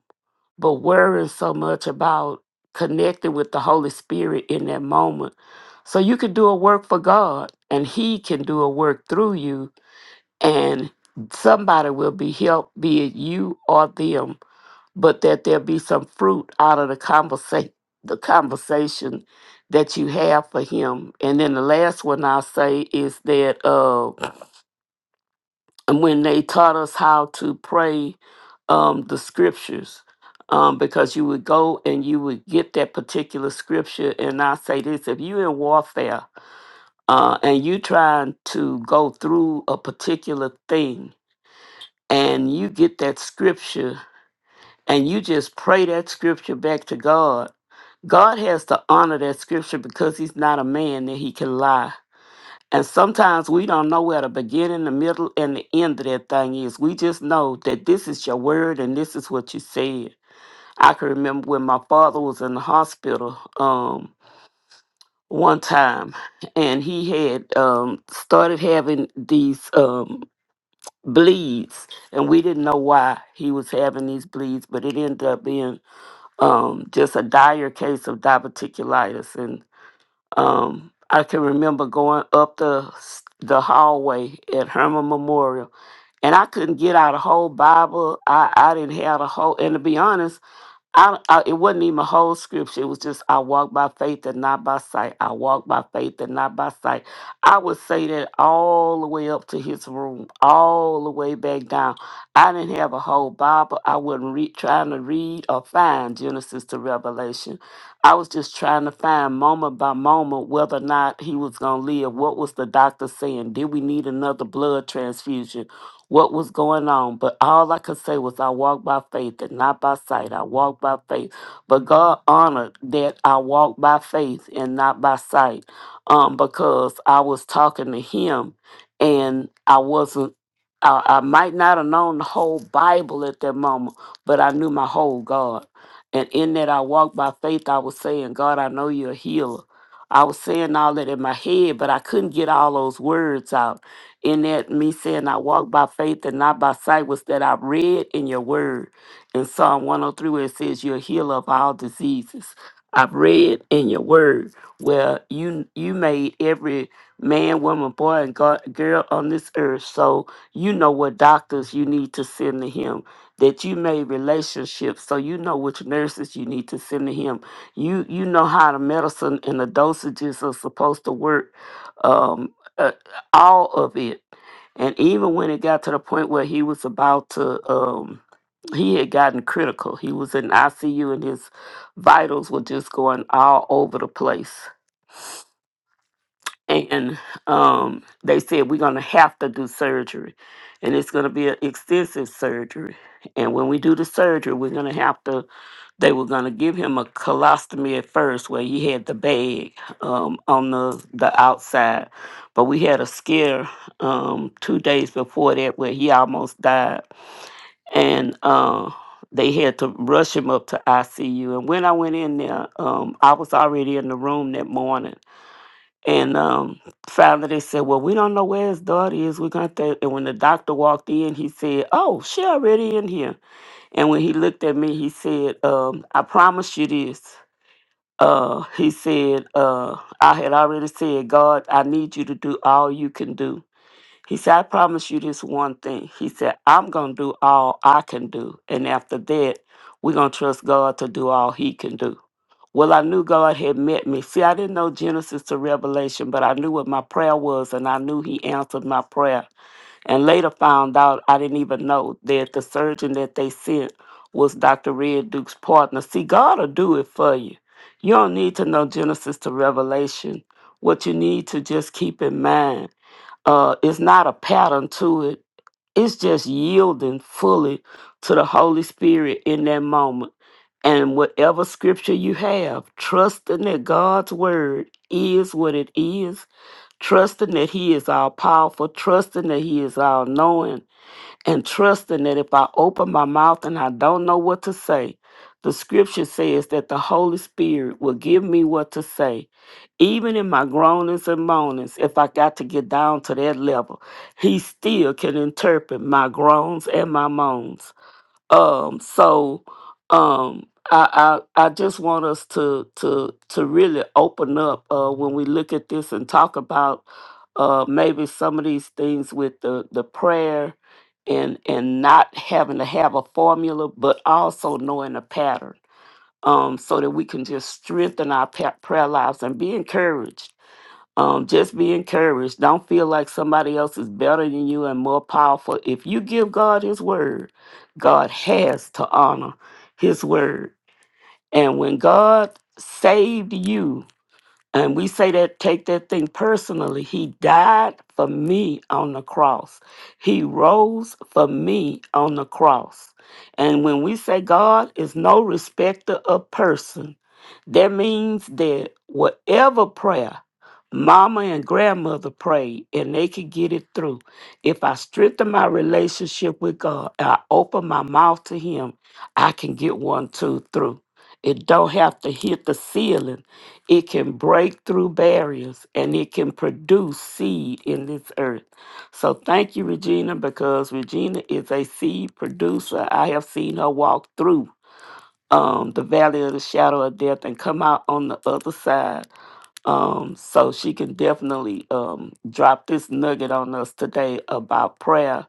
[SPEAKER 2] but worrying so much about connecting with the Holy Spirit in that moment. So you can do a work for God and He can do a work through you and somebody will be helped, be it you or them but that there be some fruit out of the conversation the conversation that you have for him and then the last one i'll say is that uh and when they taught us how to pray um the scriptures um because you would go and you would get that particular scripture and i say this if you in warfare uh and you trying to go through a particular thing and you get that scripture and you just pray that scripture back to god God has to honor that scripture because he's not a man that he can lie. And sometimes we don't know where the beginning, the middle, and the end of that thing is. We just know that this is your word and this is what you said. I can remember when my father was in the hospital um, one time and he had um, started having these um, bleeds and we didn't know why he was having these bleeds, but it ended up being um, just a dire case of diverticulitis. And um, I can remember going up the s- the hallway at Herman Memorial, and I couldn't get out a whole Bible. I I didn't have a whole, and to be honest. I, I it wasn't even a whole scripture. It was just I walk by faith and not by sight. I walk by faith and not by sight. I would say that all the way up to his room, all the way back down. I didn't have a whole Bible. I wasn't re- trying to read or find Genesis to Revelation. I was just trying to find moment by moment whether or not he was gonna live. What was the doctor saying? Did we need another blood transfusion? what was going on. But all I could say was, I walked by faith and not by sight. I walked by faith. But God honored that I walked by faith and not by sight um, because I was talking to Him and I wasn't. I, I might not have known the whole Bible at that moment, but I knew my whole God. And in that I walked by faith, I was saying, God, I know you're a healer. I was saying all that in my head, but I couldn't get all those words out in that me saying I walk by faith and not by sight was that I read in your word in Psalm 103 where it says you're a healer of all diseases. I've read in your word where you you made every man, woman, boy, and go- girl on this earth. So you know what doctors you need to send to him. That you made relationships, so you know which nurses you need to send to him. You you know how the medicine and the dosages are supposed to work. Um, uh, all of it. And even when it got to the point where he was about to, um, he had gotten critical. He was in ICU and his vitals were just going all over the place. And um, they said, We're going to have to do surgery. And it's going to be an extensive surgery. And when we do the surgery, we're going to have to they were going to give him a colostomy at first, where he had the bag um, on the, the outside. But we had a scare um, two days before that where he almost died. And uh, they had to rush him up to ICU. And when I went in there, um, I was already in the room that morning. And um, finally, they said, "Well, we don't know where his daughter is. We're gonna." And when the doctor walked in, he said, "Oh, she already in here." And when he looked at me, he said, um, I promise you this. Uh, he said, uh, I had already said, God, I need you to do all you can do. He said, I promise you this one thing. He said, I'm going to do all I can do. And after that, we're going to trust God to do all he can do. Well, I knew God had met me. See, I didn't know Genesis to Revelation, but I knew what my prayer was, and I knew he answered my prayer and later found out I didn't even know that the surgeon that they sent was Dr. Red Duke's partner. See, God will do it for you. You don't need to know Genesis to Revelation. What you need to just keep in mind uh, is not a pattern to it, it's just yielding fully to the Holy Spirit in that moment. And whatever scripture you have, trusting that God's word is what it is trusting that He is all powerful, trusting that He is all knowing, and trusting that if I open my mouth and I don't know what to say, the scripture says that the Holy Spirit will give me what to say. Even in my groanings and moanings, if I got to get down to that level, He still can interpret my groans and my moans. Um, so um, I, I I just want us to to to really open up uh, when we look at this and talk about uh, maybe some of these things with the the prayer and and not having to have a formula, but also knowing a pattern. Um, so that we can just strengthen our pa- prayer lives and be encouraged um, just be encouraged. Don't feel like somebody else is better than you and more powerful. If you give God His word, God has to honor His word. And when God saved you, and we say that, take that thing personally. He died for me on the cross. He rose for me on the cross. And when we say God is no respecter of person, that means that whatever prayer mama and grandmother prayed and they could get it through, if I strengthen my relationship with God and I open my mouth to Him, I can get one, two, through. It don't have to hit the ceiling it can break through barriers and it can produce seed in this earth. So thank you, Regina, because Regina is a seed producer. I have seen her walk through um, the valley of the shadow of death and come out on the other side. Um, so she can definitely um, drop this nugget on us today about prayer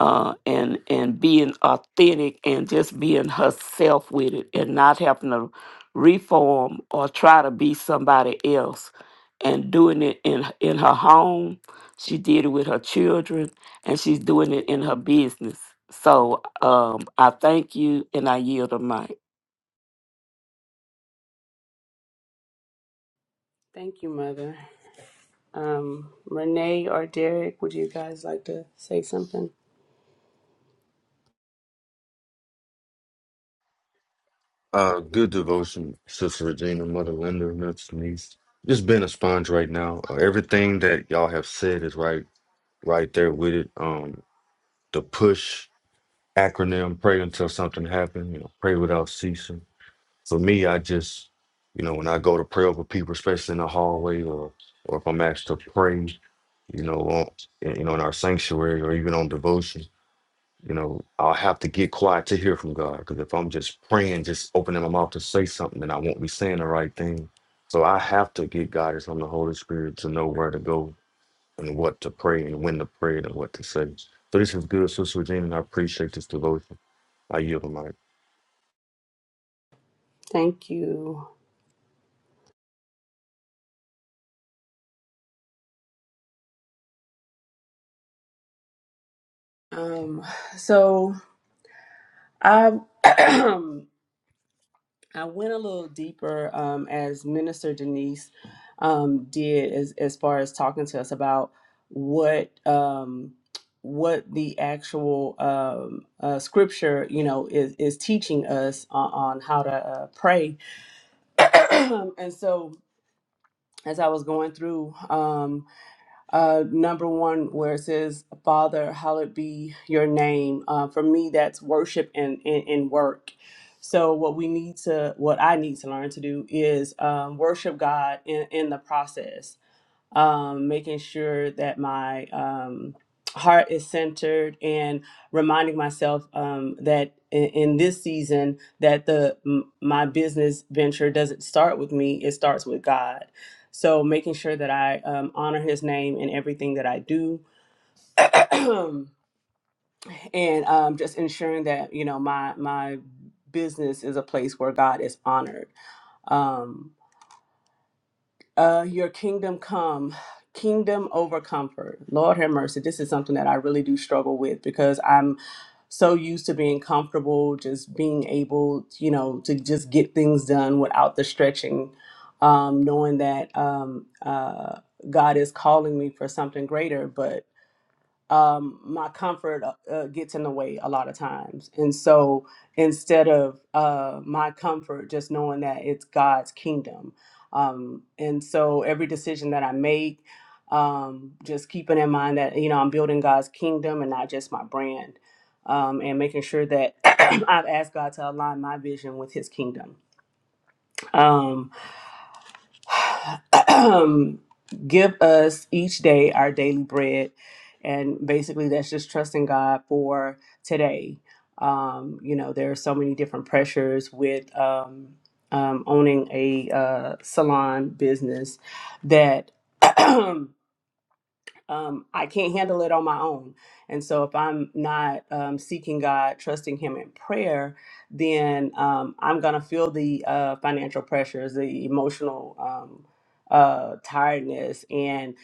[SPEAKER 2] uh, and and being authentic and just being herself with it and not having to reform or try to be somebody else and doing it in in her home she did it with her children and she's doing it in her business so um i thank you and i yield the mic
[SPEAKER 3] Thank you, Mother. Um, Renee or Derek, would you guys like to say something?
[SPEAKER 5] Uh, good devotion, Sister Regina, Mother Linda, Mr. Niece. Just being a sponge right now. Uh, everything that y'all have said is right, right there with it. Um, the push acronym, pray until something happens. You know, pray without ceasing. For me, I just, you know, when I go to pray over people, especially in the hallway, or or if I'm asked to pray, you know, on, you know, in our sanctuary or even on devotion. You know, I'll have to get quiet to hear from God because if I'm just praying, just opening my mouth to say something, then I won't be saying the right thing. So I have to get guidance from the Holy Spirit to know where to go and what to pray and when to pray and what to say. So this is good, Sister Regina. and I appreciate this devotion. I yield the mic.
[SPEAKER 3] Thank you. Um, so I I went a little deeper um, as Minister Denise um, did, as as far as talking to us about what um, what the actual um, uh, scripture, you know, is is teaching us on, on how to uh, pray, and so as I was going through. Um, uh, number one, where it says, Father, hallowed be your name. Uh, for me, that's worship and, and, and work. So, what we need to, what I need to learn to do is um, worship God in, in the process um, making sure that my um, heart is centered and reminding myself um, that in, in this season that the m- my business venture doesn't start with me it starts with god so making sure that i um, honor his name in everything that i do and um, just ensuring that you know my my business is a place where god is honored Um, Uh, your kingdom come, kingdom over comfort. Lord have mercy. This is something that I really do struggle with because I'm so used to being comfortable, just being able, you know, to just get things done without the stretching, um, knowing that um, uh, God is calling me for something greater. But um, my comfort uh, uh, gets in the way a lot of times. And so instead of uh, my comfort, just knowing that it's God's kingdom. Um, and so every decision that I make, um, just keeping in mind that, you know, I'm building God's kingdom and not just my brand. Um, and making sure that I've asked God to align my vision with his kingdom. Um, give us each day our daily bread. And basically, that's just trusting God for today. Um, you know, there are so many different pressures with um, um, owning a uh, salon business that um, I can't handle it on my own. And so, if I'm not um, seeking God, trusting Him in prayer, then um, I'm going to feel the uh, financial pressures, the emotional um, uh, tiredness, and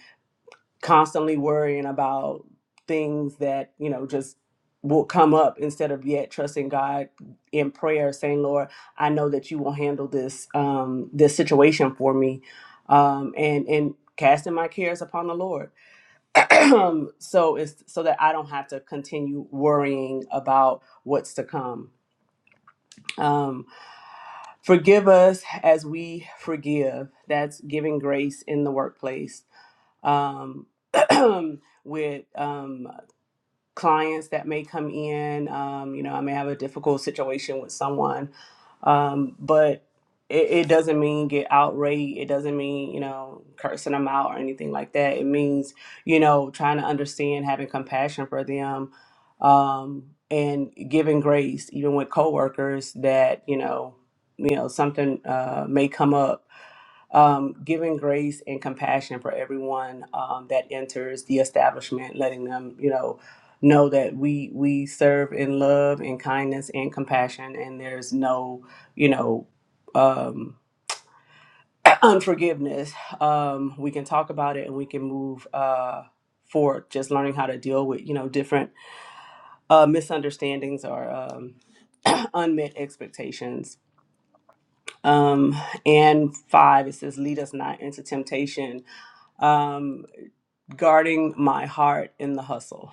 [SPEAKER 3] constantly worrying about things that, you know, just will come up instead of yet trusting God in prayer saying Lord I know that you will handle this um this situation for me um and and casting my cares upon the Lord um, so it's so that I don't have to continue worrying about what's to come. Um, forgive us as we forgive. That's giving grace in the workplace. Um, with um, clients that may come in. Um, you know, I may have a difficult situation with someone, um, but it, it doesn't mean get outraged. It doesn't mean, you know, cursing them out or anything like that. It means, you know, trying to understand, having compassion for them, um, and giving grace, even with coworkers that, you know, you know, something uh, may come up um, giving grace and compassion for everyone um, that enters the establishment, letting them, you know, know that we we serve in love and kindness and compassion, and there's no, you know, um, unforgiveness. Um, we can talk about it and we can move uh, forward. Just learning how to deal with, you know, different uh, misunderstandings or um, unmet expectations. Um, and five, it says, "Lead us not into temptation." Um, guarding my heart in the hustle.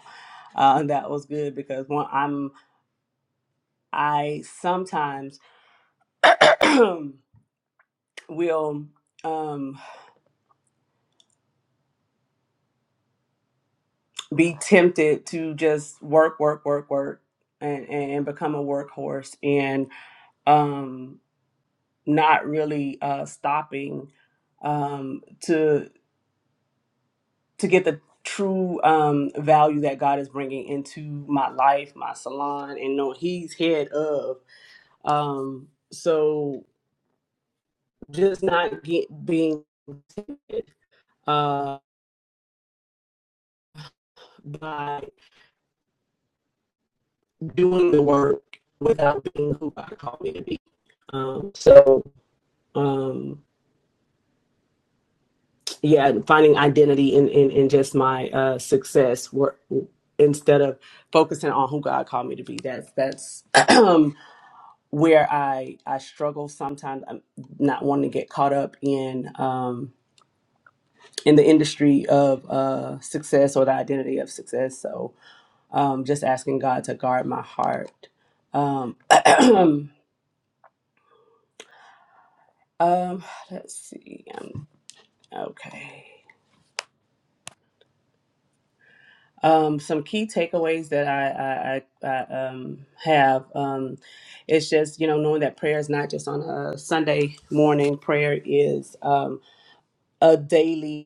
[SPEAKER 3] Uh, that was good because when I'm, I sometimes will um, be tempted to just work, work, work, work, and, and become a workhorse and um, not really uh, stopping um, to to get the true um, value that God is bringing into my life, my salon, and know He's head of. Um, so just not get being tempted uh, by doing the work without being who God called me to be. Um, so um, yeah, finding identity in in, in just my uh, success work instead of focusing on who God called me to be. That's that's where I I struggle sometimes. I'm not wanting to get caught up in um, in the industry of uh, success or the identity of success. So um, just asking God to guard my heart. Um, um, let's see. Um, okay. Um, some key takeaways that I, I, I, I um, have um, it's just you know knowing that prayer is not just on a Sunday morning. Prayer is um, a daily.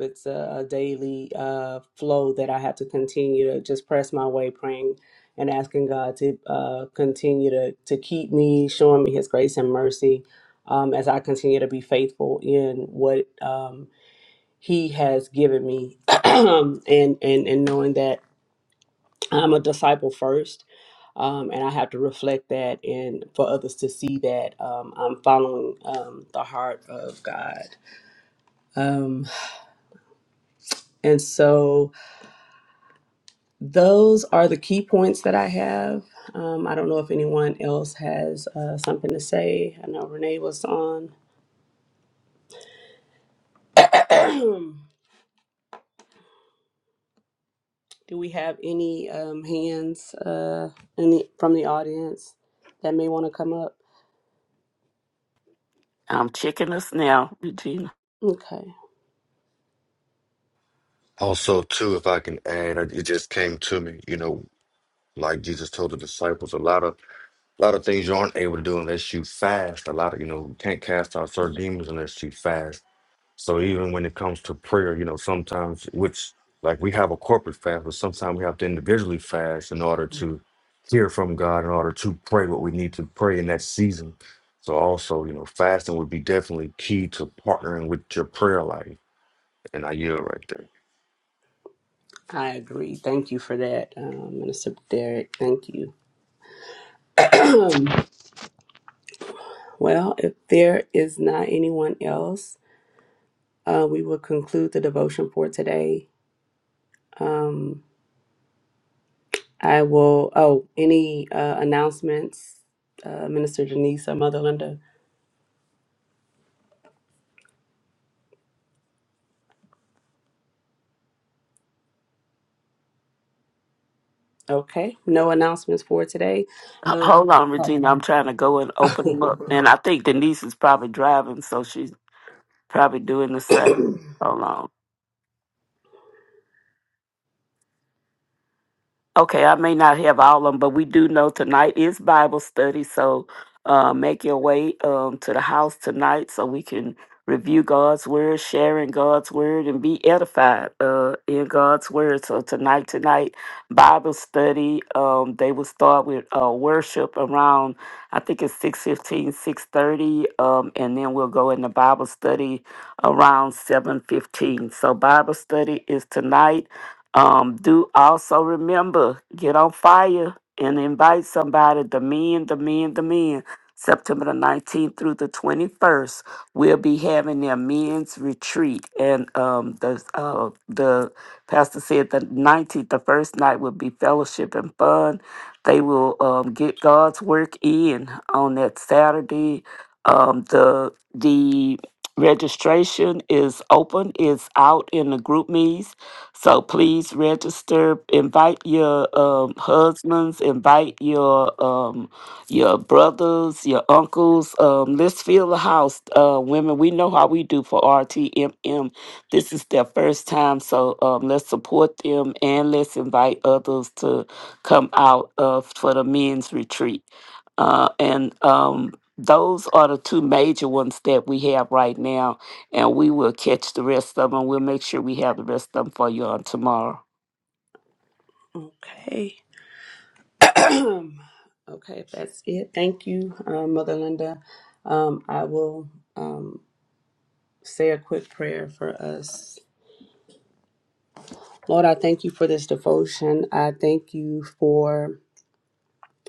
[SPEAKER 3] It's a, a daily uh, flow that I have to continue to just press my way, praying and asking God to uh, continue to, to keep me, showing me His grace and mercy um, as I continue to be faithful in what um, He has given me, and, and and knowing that I'm a disciple first. Um, and I have to reflect that, and for others to see that um, I'm following um, the heart of God. Um, and so, those are the key points that I have. Um, I don't know if anyone else has uh, something to say. I know Renee was on. Do we have any um, hands uh, in the, from the audience that may want to come up?
[SPEAKER 2] i'm checking us now regina
[SPEAKER 3] Okay,
[SPEAKER 5] Also, too, if I can add, I- it just came to me. You know, like Jesus told the disciples, a lot of a lot of things you aren't able to do unless you fast. A lot of you know, you can't cast out certain demons unless you fast So even when it comes to prayer, you know, sometimes which like we have a corporate fast, but sometimes we have to individually fast in order to hear from God, in order to pray what we need to pray in that season. So also, you know, fasting would be definitely key to partnering with your prayer life. And I yield right there.
[SPEAKER 3] I agree. Thank you for that, um, Minister Derek. Thank you. Um, well, if there is not anyone else, uh, we will conclude the devotion for today. Um, I will, oh, any uh, announcements, uh, Minister Denise or Mother Linda? Okay, no announcements for today.
[SPEAKER 2] H-
[SPEAKER 3] Um,
[SPEAKER 2] hold on regina i'm trying to go and
[SPEAKER 3] oh.
[SPEAKER 2] open them up and i think denise is probably driving so she's probably doing the same hold on Okay, I may not have all of them, but we do know tonight is Bible study. So uh, make your way um, to the house tonight so we can review God's word, sharing God's word, and be edified uh, in God's word. So tonight, tonight, Bible study. Um, they will start with uh, worship around, I think it's six fifteen, six thirty, um, and then we'll go into Bible study around 7.15. So Bible study is tonight. Um, do also remember get on fire and invite somebody. The men, the men, the men. September the 19th through the 21st, we'll be having their men's retreat. And um, the uh, the pastor said the 19th, the first night will be fellowship and fun. They will um, get God's work in on that Saturday. Um, the the registration is open. It's out in the group so please register. Invite your um, husbands. Invite your um, your brothers, your uncles. Um, let's fill the house, uh, women. We know how we do for RTMM. This is their first time, so um, let's support them and let's invite others to come out uh, for the men's retreat. Uh, and um, those are the two major ones that we have right now and we will catch the rest of them. We'll make sure we have the rest of them for you on tomorrow.
[SPEAKER 3] okay. okay, if that's it, thank you, uh, Mother Linda. Um, I will um, say a quick prayer for us. Lord, I thank you for this devotion. I thank you for.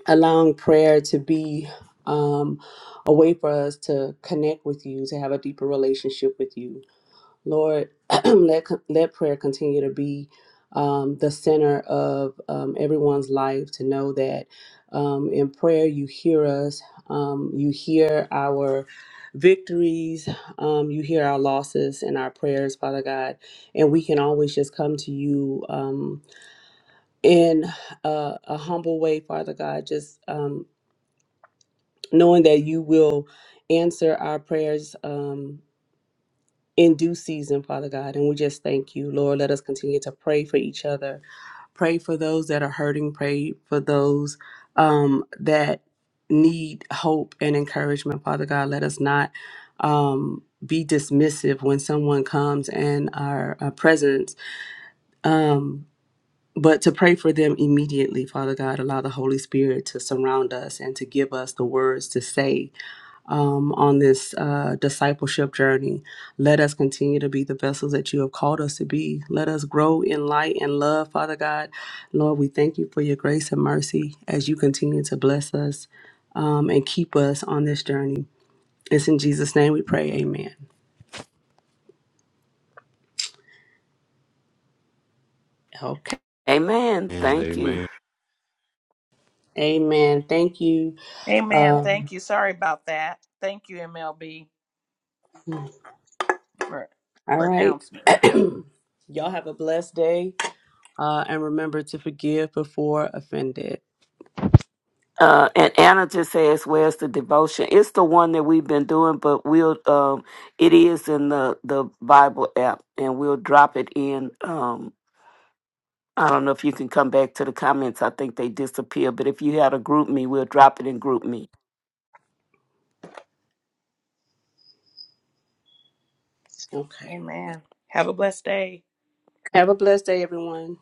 [SPEAKER 3] allowing prayer to be um, a way for us to connect with you, to have a deeper relationship with you. Lord, let, let prayer continue to be um, the center of um, everyone's life, to know that um, in prayer you hear us, um, you hear our victories, um, you hear our losses and our prayers, Father God. And we can always just come to you um, in a, a humble way, Father God, just. Um, knowing that you will answer our prayers um, in due season, Father God. And we just thank you, Lord. Let us continue to pray for each other, pray for those that are hurting, pray for those um, that need hope and encouragement, Father God. Let us not. Um, be dismissive when someone comes in our, our presence, um, but to pray for them immediately, Father God. Allow the Holy Spirit to surround us and to give us the words to say um, on this uh, discipleship journey. Let us continue to be the vessels that you have called us to be. Let us grow in light and love, Father God. Lord, we thank you for your grace and mercy as you continue to bless us um, and keep us on this journey. It's in Jesus' name we pray. Amen. Okay.
[SPEAKER 2] Amen.
[SPEAKER 5] And
[SPEAKER 2] Thank
[SPEAKER 5] amen.
[SPEAKER 2] you.
[SPEAKER 3] Amen. Thank you.
[SPEAKER 1] Amen.
[SPEAKER 3] Um,
[SPEAKER 1] Thank you. Sorry about that. Thank you, MLB,
[SPEAKER 3] hmm.
[SPEAKER 1] for,
[SPEAKER 3] all
[SPEAKER 1] for
[SPEAKER 3] right.
[SPEAKER 1] announcement.
[SPEAKER 3] Y'all have a blessed day uh, and remember to forgive before offended.
[SPEAKER 2] Uh, and Anna just asked, "Where's the devotion?" It's the one that we've been doing, but we'll um, it is in the the Bible app, and we'll drop it in. Um, I don't know if you can come back to the comments. I think they disappear, but if you had a group me, we'll drop it in group me.
[SPEAKER 3] Okay.
[SPEAKER 1] Have a
[SPEAKER 3] Have a blessed day, everyone.